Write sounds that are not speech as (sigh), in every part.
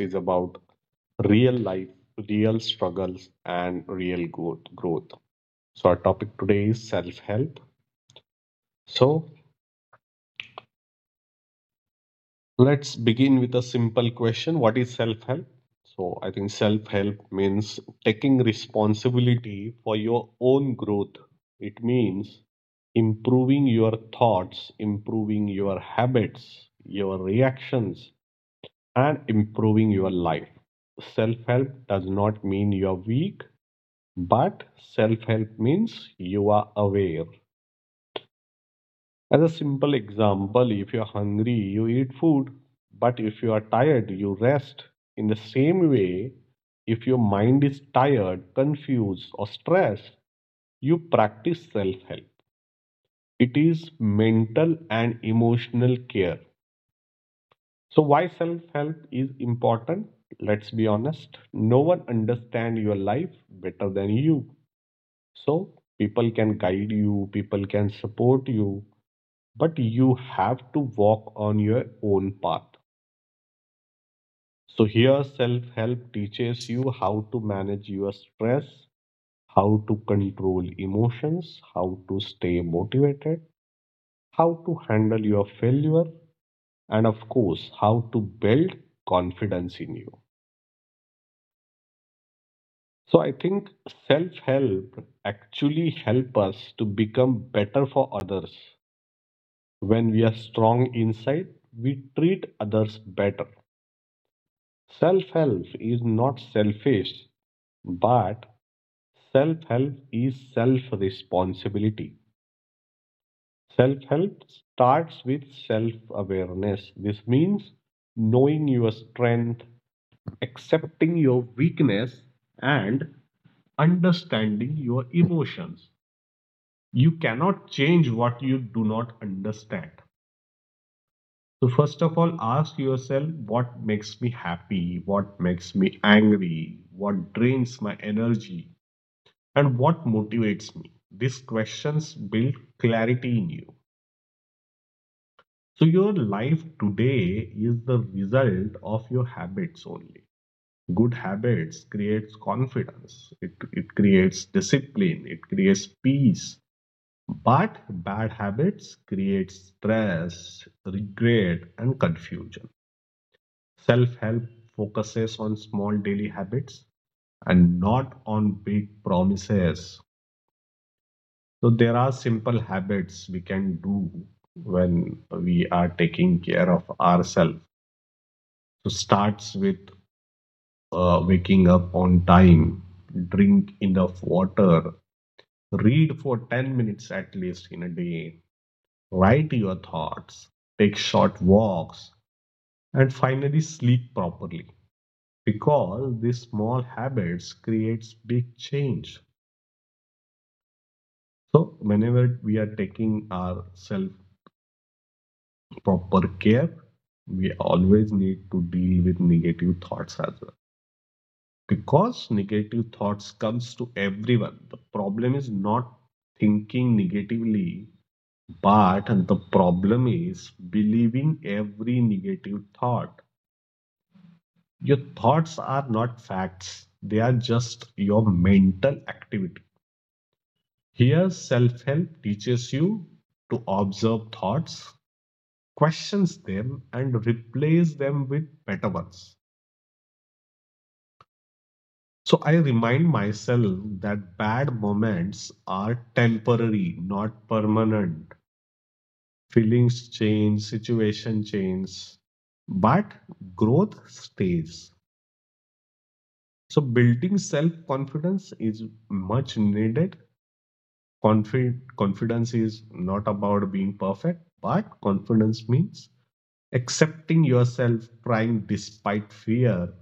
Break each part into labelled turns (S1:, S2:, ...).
S1: Is about real life, real struggles, and real growth. So, our topic today is self help. So, Let's begin with a simple question. What is self help? So, I think self help means taking responsibility for your own growth. It means improving your thoughts, improving your habits, your reactions, and improving your life. Self help does not mean you are weak, but self help means you are aware. As a simple example, if you're hungry, you eat food, but if you are tired, you rest. In the same way, if your mind is tired, confused, or stressed, you practice self help. It is mental and emotional care. So, why self help is important? Let's be honest. No one understands your life better than you. So, people can guide you, people can support you, but you have to walk on your own path. So, here self help teaches you how to manage your stress, how to control emotions, how to stay motivated, how to handle your failure, and of course, how to build confidence in you. So, I think self help actually help us to become better for others. When we are strong inside, we treat others better. Self help is not selfish, but self help is self responsibility. Self help starts with self awareness. This means knowing your strength, accepting your weakness, and understanding your emotions. You cannot change what you do not understand. So, first of all, ask yourself what makes me happy, what makes me angry, what drains my energy, and what motivates me? These questions build clarity in you. So, your life today is the result of your habits only. Good habits creates confidence, it creates discipline, it creates peace. But bad habits create stress, regret, and confusion. Self help focuses on small daily habits and not on big promises. So there are simple habits we can do when we are taking care of ourselves. So starts with waking up on time, drink enough water, read for 10 minutes at least in a day, write your thoughts, take short walks, and finally sleep properly. Because these small habits creates big change. So whenever we are taking our self proper care, we always need to deal with negative thoughts as well. Because negative thoughts comes to everyone. The problem is not thinking negatively, but the problem is believing every negative thought. Your thoughts are not facts. They are just your mental activity. Here, self help teaches you to observe thoughts, questions them, and replace them with better ones. So I remind myself that bad moments are temporary, not permanent. Feelings change, situation change, but growth stays. So building self-confidence is much needed. Confidence is not about being perfect, but confidence means accepting yourself, trying despite fear,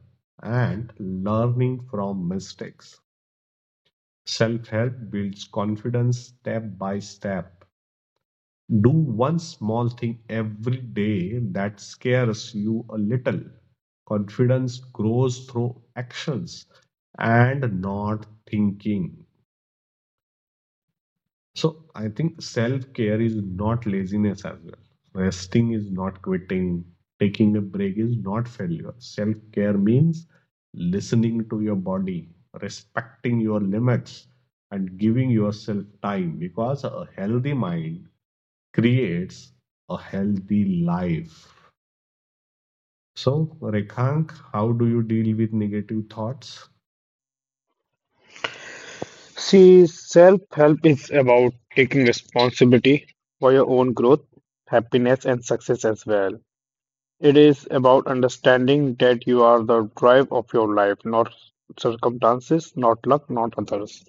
S1: and learning from mistakes. Self help builds confidence step by step. Do one small thing every day that scares you a little. Confidence grows through actions and not thinking. So I think self care is not laziness as well. Resting is not quitting. Taking a break is not failure. Self care means listening to your body, respecting your limits, and giving yourself time because a healthy mind creates a healthy life. So, Rekhank, how do you deal with negative thoughts?
S2: See, self-help is about taking responsibility for your own growth, happiness, and success as well. It is about understanding that you are the drive of your life, not circumstances, not luck, not others.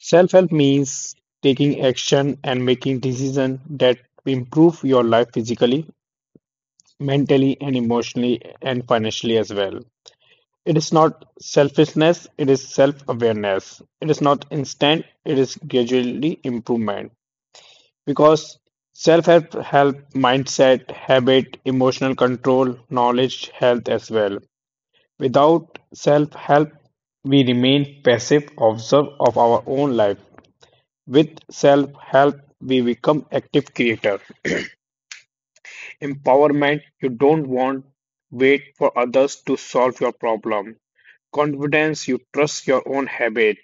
S2: Self-help means taking action and making decisions that improve your life physically, mentally, and emotionally, and financially as well. It is not selfishness, it is self awareness. It is not instant, it is gradually improvement. Because self help, help, mindset, habit, emotional control, knowledge, health as well. Without self help, we remain passive observer of our own life. With self help, we become active creator. Empowerment you don't want wait for others to solve your problem. Confidence you trust your own habit.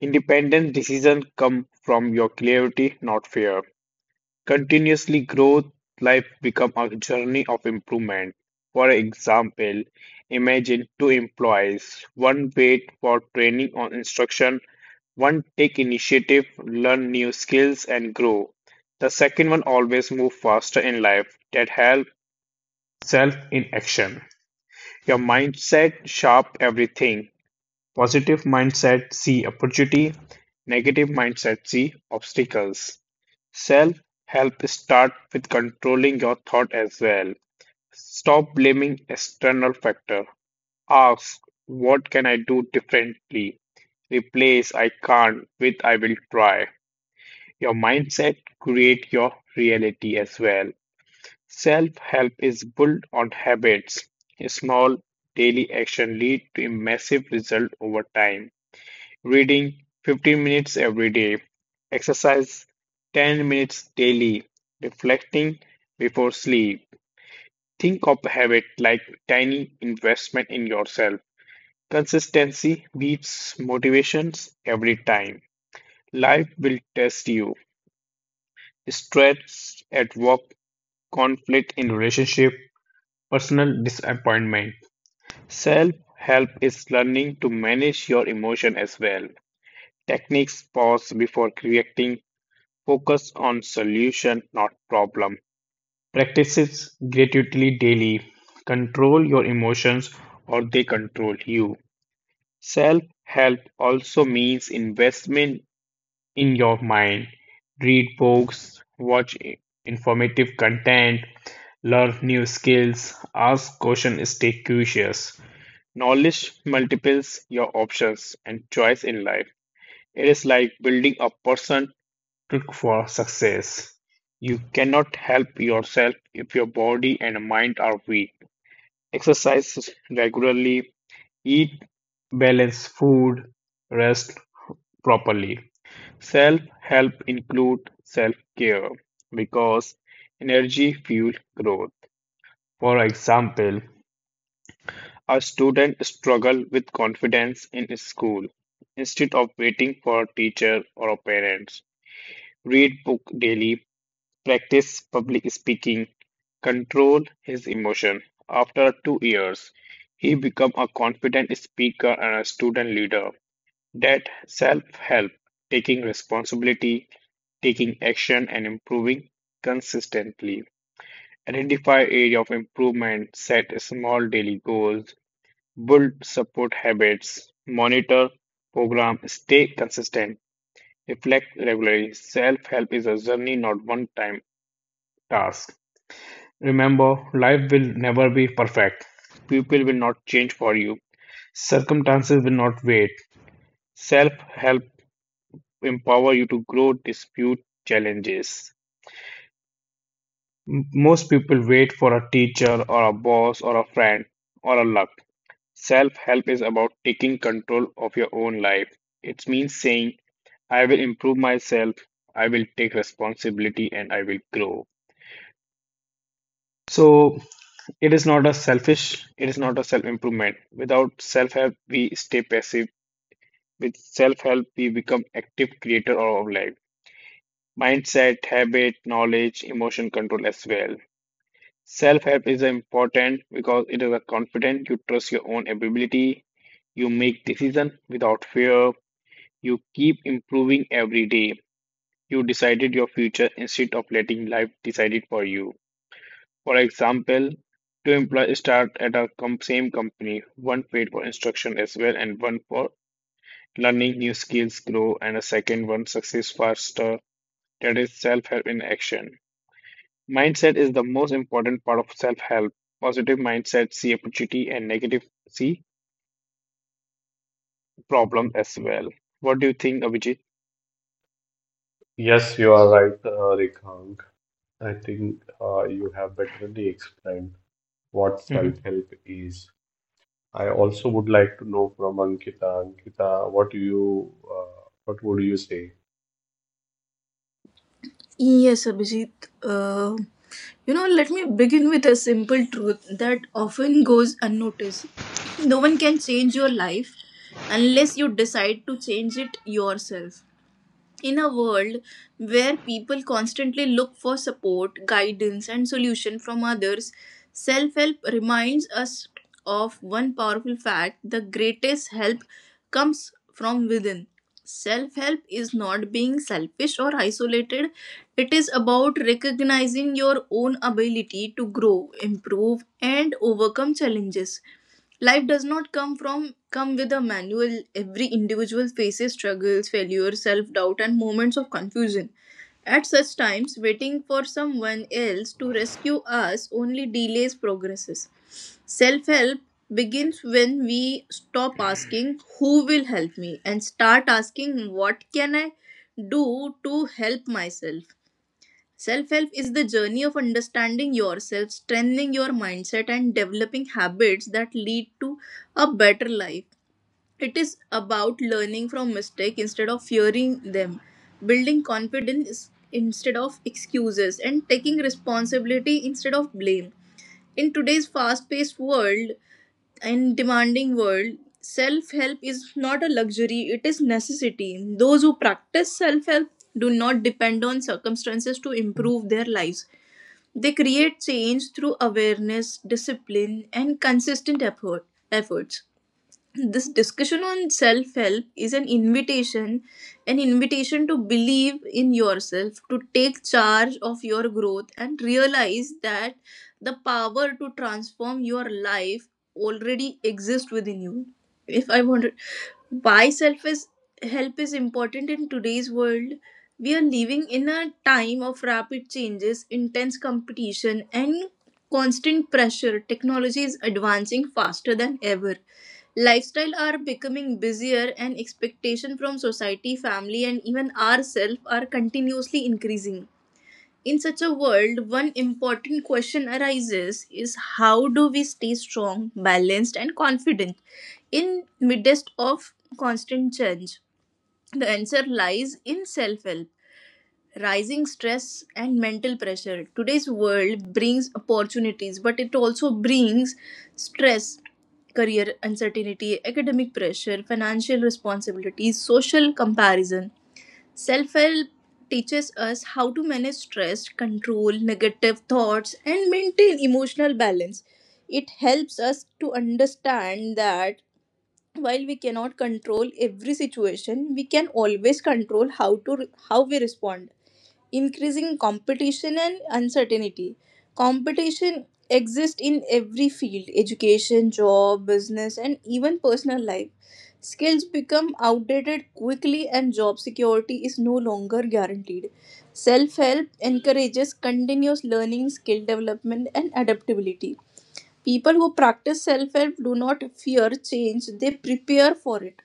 S2: Independent decisions come from your clarity, not fear. Continuously growth, life become a journey of improvement. For example, imagine two employees, one wait for training or instruction, one take initiative, learn new skills and grow. The second one always move faster in life that help self in action. Your mindset sharp everything. Positive mindset see opportunity, negative mindset see obstacles. Self help start with controlling your thought as well. Stop blaming external factor. Ask what can I do differently? Replace I can't with I will try. Your mindset create your reality as well. Self help is built on habits. Small daily action lead to a massive result over time. Reading 15 minutes every day, exercise 10 minutes daily, reflecting before sleep. Think of habit like tiny investment in yourself. Consistency beats motivations every time. Life will test you. Stress at work, conflict in relationship, personal disappointment. Self-help is learning to manage your emotion as well. Techniques pause before reacting, focus on solution, not problem. Practices gratuitously daily. Control your emotions or they control you. Self-help also means investment in your mind. Read books, watch informative content, learn new skills, ask questions, stay curious. Knowledge multiples your options and choice in life. It is like building a person trick for success. You cannot help yourself if your body and mind are weak. Exercise regularly, eat balanced food, rest properly. Self help include self care because energy fuels growth. For example, a student struggle with confidence in school. Instead of waiting for a teacher or a parents, read book daily, practice public speaking, control his emotion. After 2 years, he become a confident speaker and a student leader. That self-help, taking responsibility, taking action and improving consistently. Identify area of improvement, set small daily goals, build support habits, monitor, program, stay consistent, reflect regularly. Self help is a journey, not one time task. Remember, life will never be perfect. People will not change for you. Circumstances will not wait. Self help empower you to grow, dispute challenges. Most people wait for a teacher or a boss or a friend or a luck. Self help is about taking control of your own life. It means saying I will improve myself, I will take responsibility, and I will grow. So it is not a selfish, it is not a self improvement. Without self help, we stay passive. With self help, we become active creator of our life. Mindset, habit, knowledge, emotion control as well. Self help is important because it is a confident. You trust your own ability. You make decision without fear. You keep improving every day. You decided your future instead of letting life decide it for you. For example, two employees start at a same company, one paid for instruction as well, and one for learning new skills grow, and a second one success faster. That is self help in action. Mindset is the most important part of self help. Positive mindset see opportunity and negative see problem as well. What do you think, Abhijit?
S1: Yes, you are right, Rekang. I think you have betterly explained what
S2: Mhm.
S1: self-help is. I also would like to know from Ankita. Ankita, what would you say?
S3: Yes, Abhijit. Uh, Let me begin with a simple truth that often goes unnoticed. (clears throat) No one can change your life unless you decide to change it yourself. In a world where people constantly look for support, guidance, and solution from others, self help reminds us of one powerful fact: the greatest help comes from within. Self help is not being selfish or isolated, it is about recognizing your own ability to grow, improve, and overcome challenges. Life does not come with a manual. Every individual faces struggles, failure, self-doubt and moments of confusion. At such times, waiting for someone else to rescue us only delays progresses. Self help begins when we stop asking, "Who will help me?" and start asking, "What can I do to help myself?" Self help is the journey of understanding yourself, strengthening your mindset, and developing habits that lead to a better life. It is about learning from mistakes instead of fearing them, building confidence instead of excuses, and taking responsibility instead of blame. In today's fast paced world and demanding world, self help is not a luxury, it is necessity. Those who practice self help do not depend on circumstances to improve their lives, they create change through awareness, discipline, and consistent effort, efforts this discussion on self help is an invitation to believe in yourself, to take charge of your growth and realize that the power to transform your life already exists within you. If I wanted why self is help is important in today's world, we are living in a time of rapid changes, intense competition and constant pressure. Technology is advancing faster than ever. Lifestyle are becoming busier and expectation from society, family and even ourselves are continuously increasing. In such a world, one important question arises is how do we stay strong, balanced and confident in midst of constant change? The answer lies in self-help. Rising stress and mental pressure: today's world brings opportunities but it also brings stress, career uncertainty, academic pressure, financial responsibilities, social comparison. Self help teaches us how to manage stress, control negative thoughts and maintain emotional balance. It helps us to understand that while we cannot control every situation, we can always control how we respond. Increasing competition and uncertainty. Competition exists in every field: education, job, business, and even personal life. Skills become outdated quickly, and job security is no longer guaranteed. Self help encourages continuous learning, skill development, and adaptability. People who practice self help do not fear change, they prepare for it.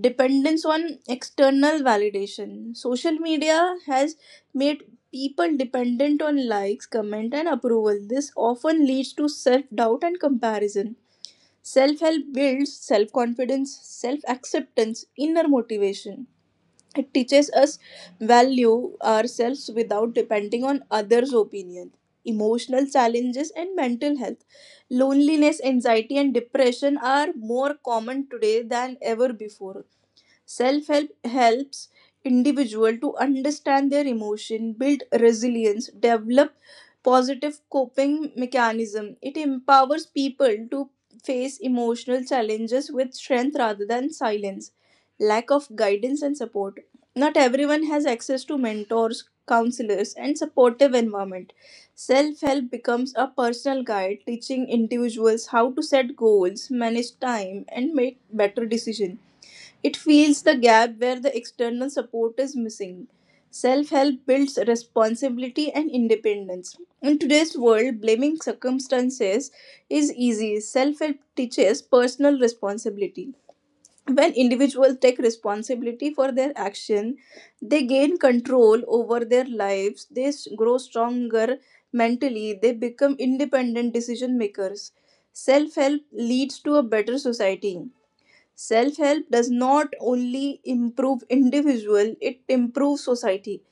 S3: Dependence on external validation. Social media has made people dependent on likes, comment, and approval. This often leads to self doubt and comparison. Self help builds self confidence, self acceptance, inner motivation. It teaches us value ourselves without depending on others' opinion. Emotional challenges and mental health. Loneliness, anxiety, and depression are more common today than ever before. Self help helps individual to understand their emotion, build resilience, develop positive coping mechanism. It empowers people to face emotional challenges with strength rather than silence. Lack of guidance and support. Not everyone has access to mentors, counselors, and supportive environment. Self help becomes a personal guide, teaching individuals how to set goals, manage time, and make better decisions. It fills the gap where the external support is missing. Self help builds responsibility and independence. In today's world, blaming circumstances is easy. Self help teaches personal responsibility. When individuals take responsibility for their action, they gain control over their lives, grow stronger mentally, they become independent decision makers. Self help leads to a better society. Self help does not only improve individual, it improves society.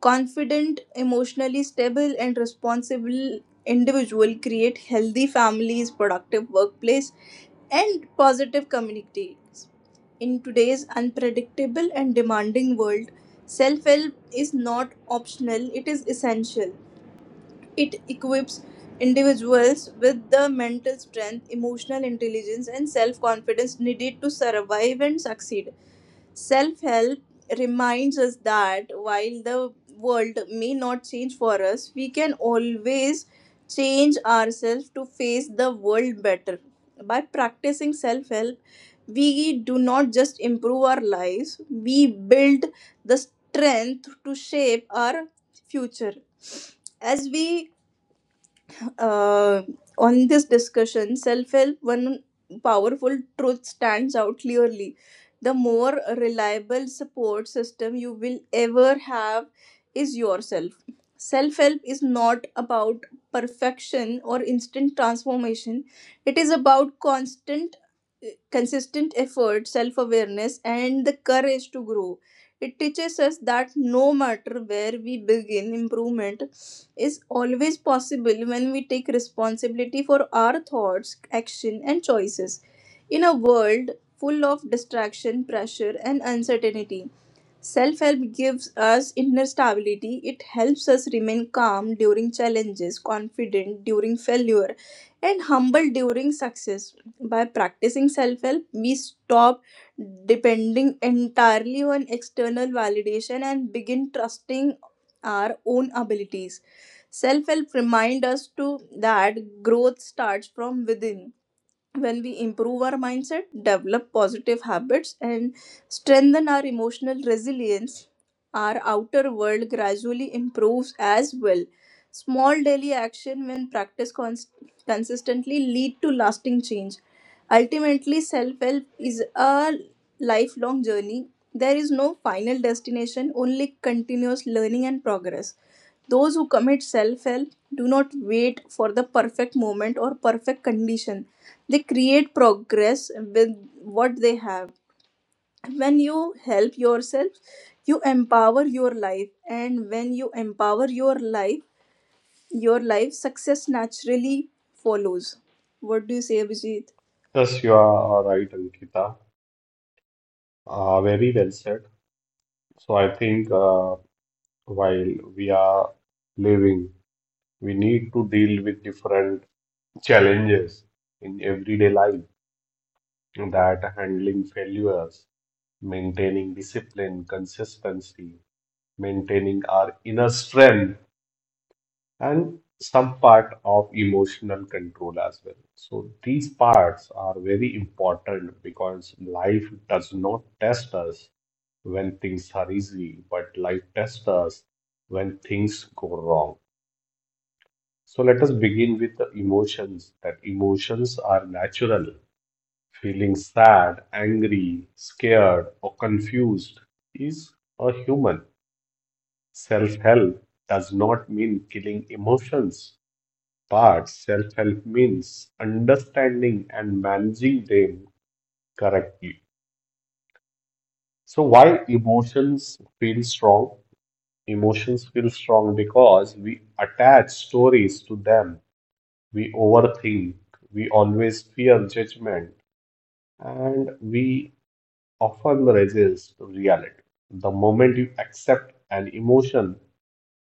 S3: Confident, emotionally stable, and responsible individual create healthy families, productive workplace, and positive communities. In today's unpredictable and demanding world, self help is not optional, it is essential. It equips individuals with the mental strength, emotional intelligence, and self confidence needed to survive and succeed. Self help reminds us that while the world may not change for us, we can always change ourselves to face the world better. By practicing self help, we do not just improve our lives, we build the strength to shape our future. As we uh, on this discussion, self help, one powerful truth stands out clearly. The more reliable support system you will ever have is yourself. Self help is not about perfection or instant transformation, it is about constant, consistent effort, self awareness, and the courage to grow. It teaches us that no matter where we begin improvement, is always possible when we take responsibility for our thoughts, action, and choices. In a world full of distraction, pressure, and uncertainty, self help gives us inner stability. It helps us remain calm during challenges, confident during failure, and humble during success. By practicing self help, we stop depending entirely on external validation and begin trusting our own abilities. Self help reminds us to that growth starts from within. When we improve our mindset, develop positive habits and strengthen our emotional resilience, our outer world gradually improves as well. Small daily action, when practiced consistently, lead to lasting change. Ultimately, self-help is a lifelong journey. There is no final destination, only continuous learning and progress. Those who commit self-help do not wait for the perfect moment or perfect condition. They create progress with what they have. When you help yourself, you empower your life, and when you empower your life success naturally follows. What do you say, Abhijit?
S1: Yes, you are right, Ankita. Very well said. So I think while we are living, we need to deal with different challenges in everyday life. That handling failures maintaining discipline, consistency, maintaining our inner strength, and some part of emotional control as well. So these parts are very important because life does not test us when things are easy, but life tests us when things go wrong. So let us begin with the emotions, that emotions are natural. Feeling sad, angry, scared, or confused is a human. Self-help does not mean killing emotions, but self-help means understanding and managing them correctly. So why emotions feel strong? Emotions feel strong because we attach stories to them. We overthink. We always fear judgment and we often resist reality. The moment you accept an emotion,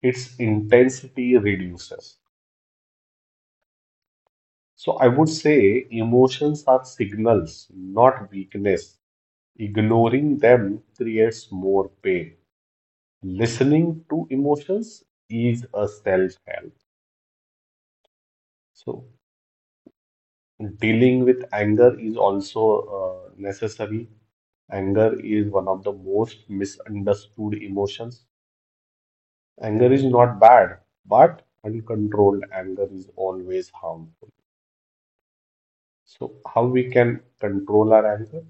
S1: its intensity reduces. So I would say emotions are signals, not weakness. Ignoring them creates more pain. Listening to emotions is a self-help. So dealing with anger is also necessary. Anger is one of the most misunderstood emotions. Anger is not bad, but uncontrolled anger is always harmful. So how we can control our anger?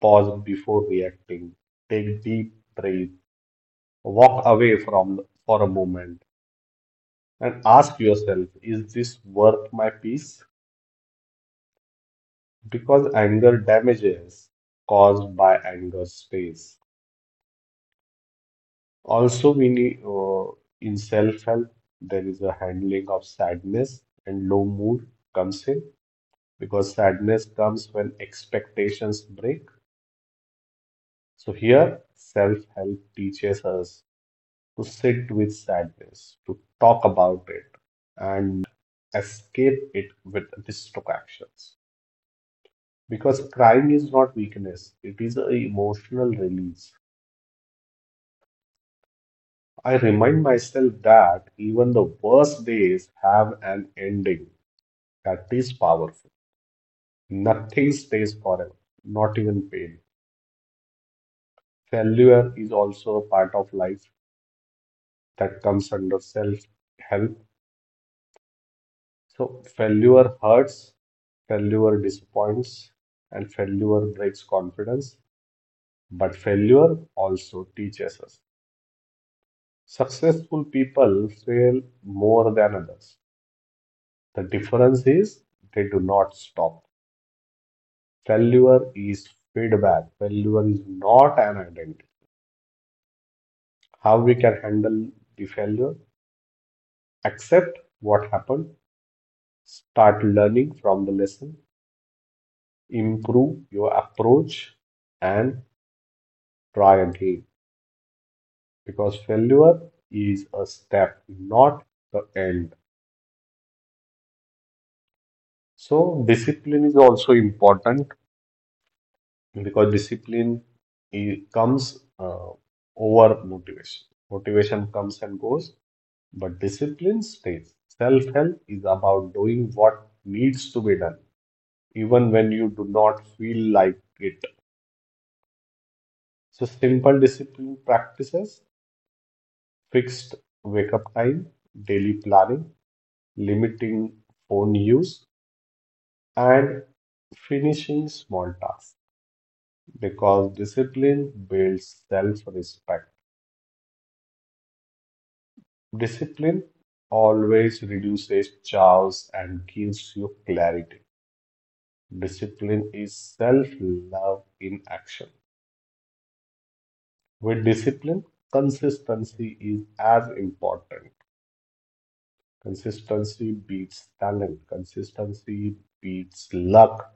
S1: Pause before reacting. Take deep breath. Walk away from for a moment and ask yourself, is this worth my peace? Because anger damages caused by anger stays. Also, we need in self-help there is a handling of sadness and low mood comes in because sadness comes when expectations break. So here, self-help teaches us to sit with sadness, to talk about it, and escape it with distractions. Because crying is not weakness, it is an emotional release. I remind myself that even the worst days have an ending that is powerful. Nothing stays forever, not even pain. Failure is also a part of life that comes under self help. So failure hurts, failure disappoints, and failure breaks confidence. But failure also teaches us. Successful people fail more than others. The difference is they do not stop. Failure is feedback. Failure is not an identity. How we can handle the failure? Accept what happened. Start learning from the lesson. Improve your approach and try again. Because failure is a step, not the end. So, discipline is also important because comes uh, over motivation. Motivation comes and goes, but discipline stays. Self help is about doing what needs to be done, even when you do not feel like it. So, simple discipline practices, fixed wake up time, daily planning, limiting phone use, and finishing small tasks because discipline builds self respect. Discipline always reduces chaos and gives you clarity. Discipline is self love in action. With discipline, consistency is as important. Consistency beats talent, consistency beats luck.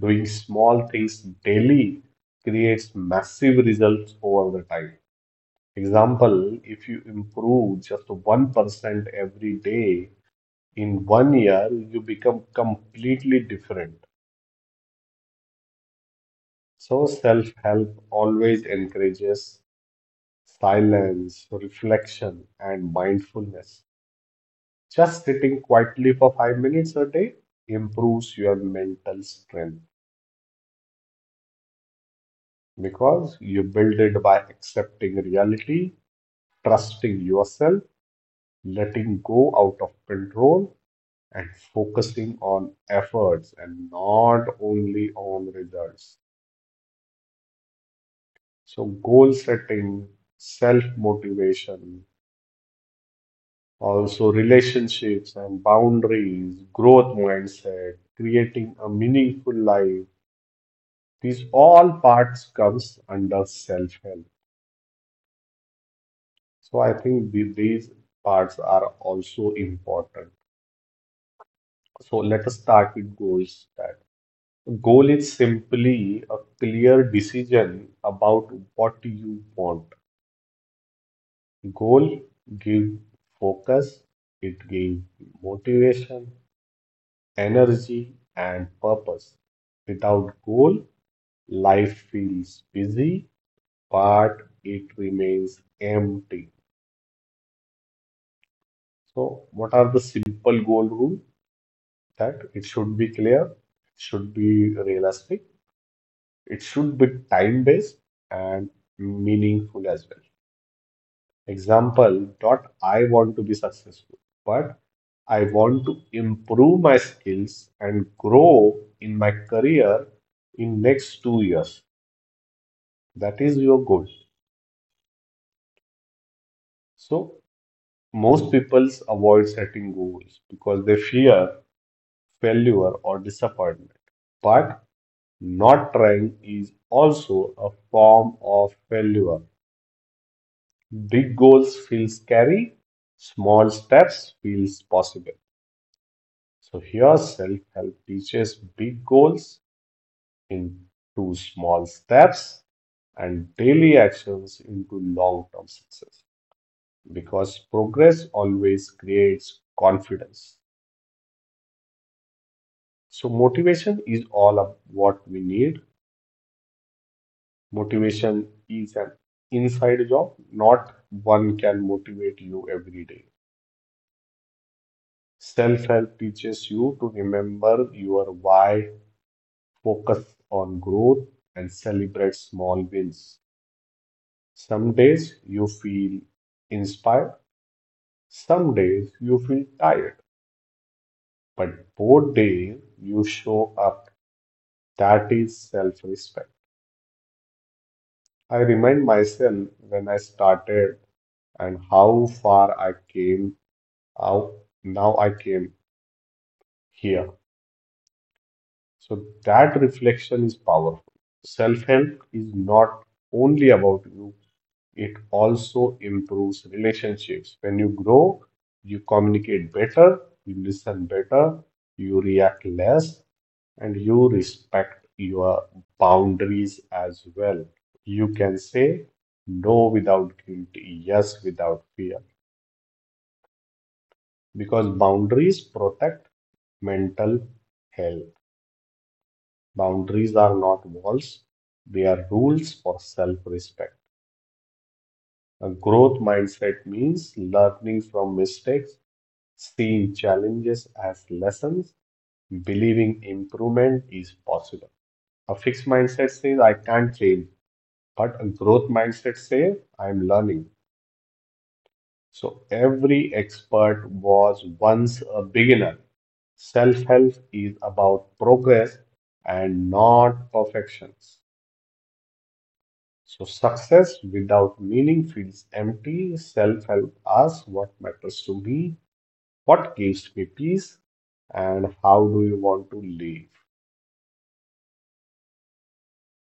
S1: Doing small things daily creates massive results over the time. Example, if you improve just 1% every day in 1 year, you become completely different. So, self-help always encourages silence, reflection, and mindfulness. Just sitting quietly for 5 minutes a day improves your mental strength because you build it by accepting reality, trusting yourself, letting go out of control, and focusing on efforts and not only on results. So, goal setting, self motivation, also relationships and boundaries, growth mindset, creating a meaningful life. These all parts comes under self help. So, I think these parts are also important. So, let us start with goals. That goal is simply a clear decision about what you want. Goal give focus, it gives motivation, energy, and purpose. Without goal, life feels busy, but it remains empty. So, what are the simple goal rule? That it should be clear, it should be realistic, it should be time-based and meaningful as well. Example, not I want to be successful, but I want to improve my skills and grow in my career in next 2 years. That is your goal. So most people avoid setting goals because they fear failure or disappointment. But not trying is also a form of failure. Big goals feel scary, small steps feels possible. So here self-help teaches big goals into small steps and daily actions into long-term success because progress always creates confidence. So motivation is all of what we need. Motivation is an inside job, not one can motivate you every day. Self-help teaches you to remember your why, focus on growth, and celebrate small wins. Some days you feel inspired, some days you feel tired, but both days you show up. That is self respect. I remind myself when I started and how far I came, how now I came here. So that reflection is powerful. Self help is not only about you, it also improves relationships. When you grow, you communicate better, you listen better, you react less, and you respect your boundaries as well. You can say no without guilt, yes without fear, because boundaries protect mental health. Boundaries are not walls, they are rules for self respect. A growth mindset means learning from mistakes, see challenges as lessons, believing improvement is possible. A fixed mindset says, I can't change, but a growth mindset says, I'm learning. So every expert was once a beginner. Self help is about progress and not perfections. So success without meaning feels empty. Self help asks what matters to me, what gives me peace, and how do you want to live?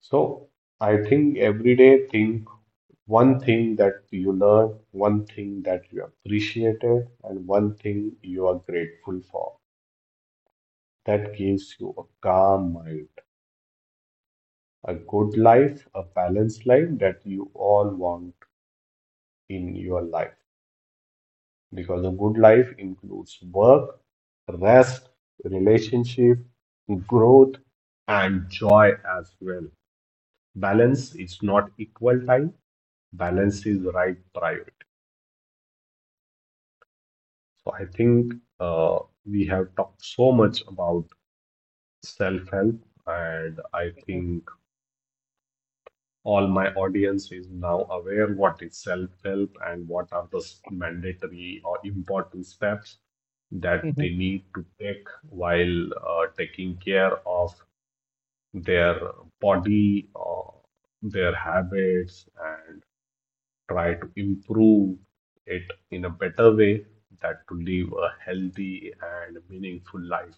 S1: So I think everyday think one thing that you learn, one thing that you appreciated, and one thing you are grateful for. That gives you a calm mind, a good life, a balanced life that you all want in your life. Because a good life includes work, rest, relationship, growth, and joy as well. Balance is not equal time, balance is right priority. So I think uh, we have talked so much about self-help, and I think all my audience is now aware what is self-help and what are the mandatory or important steps that they need to take while taking care of their body, their habits, and try to improve it in a better way that to live a healthy and meaningful life.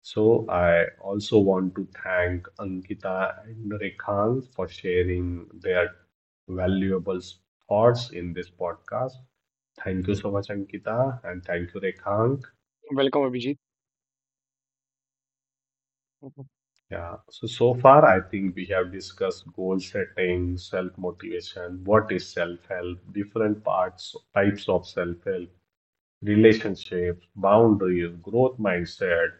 S1: So I also want to thank Ankita and Rekhans for sharing their valuable thoughts in this podcast. Thank you so much, Ankita, and thank you, Rekhank. Yeah. So far, I think we have discussed goal setting, self-motivation, what is self-help, different parts, types of self-help, relationships, boundaries, growth mindset,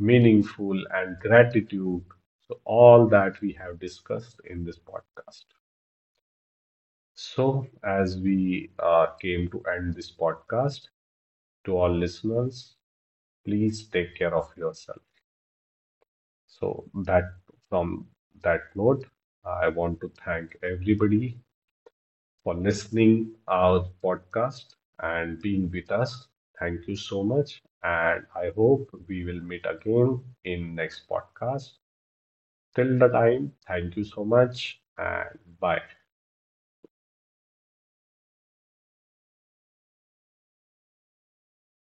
S1: meaningful, and gratitude. So, all that we have discussed in this podcast. So, as we came to end this podcast, to all listeners, please take care of yourself. So, that from that note, I want to thank everybody for listening our podcast and being with us. Thank you so much, and I hope we will meet again in next podcast. Till the time, thank you so much and bye.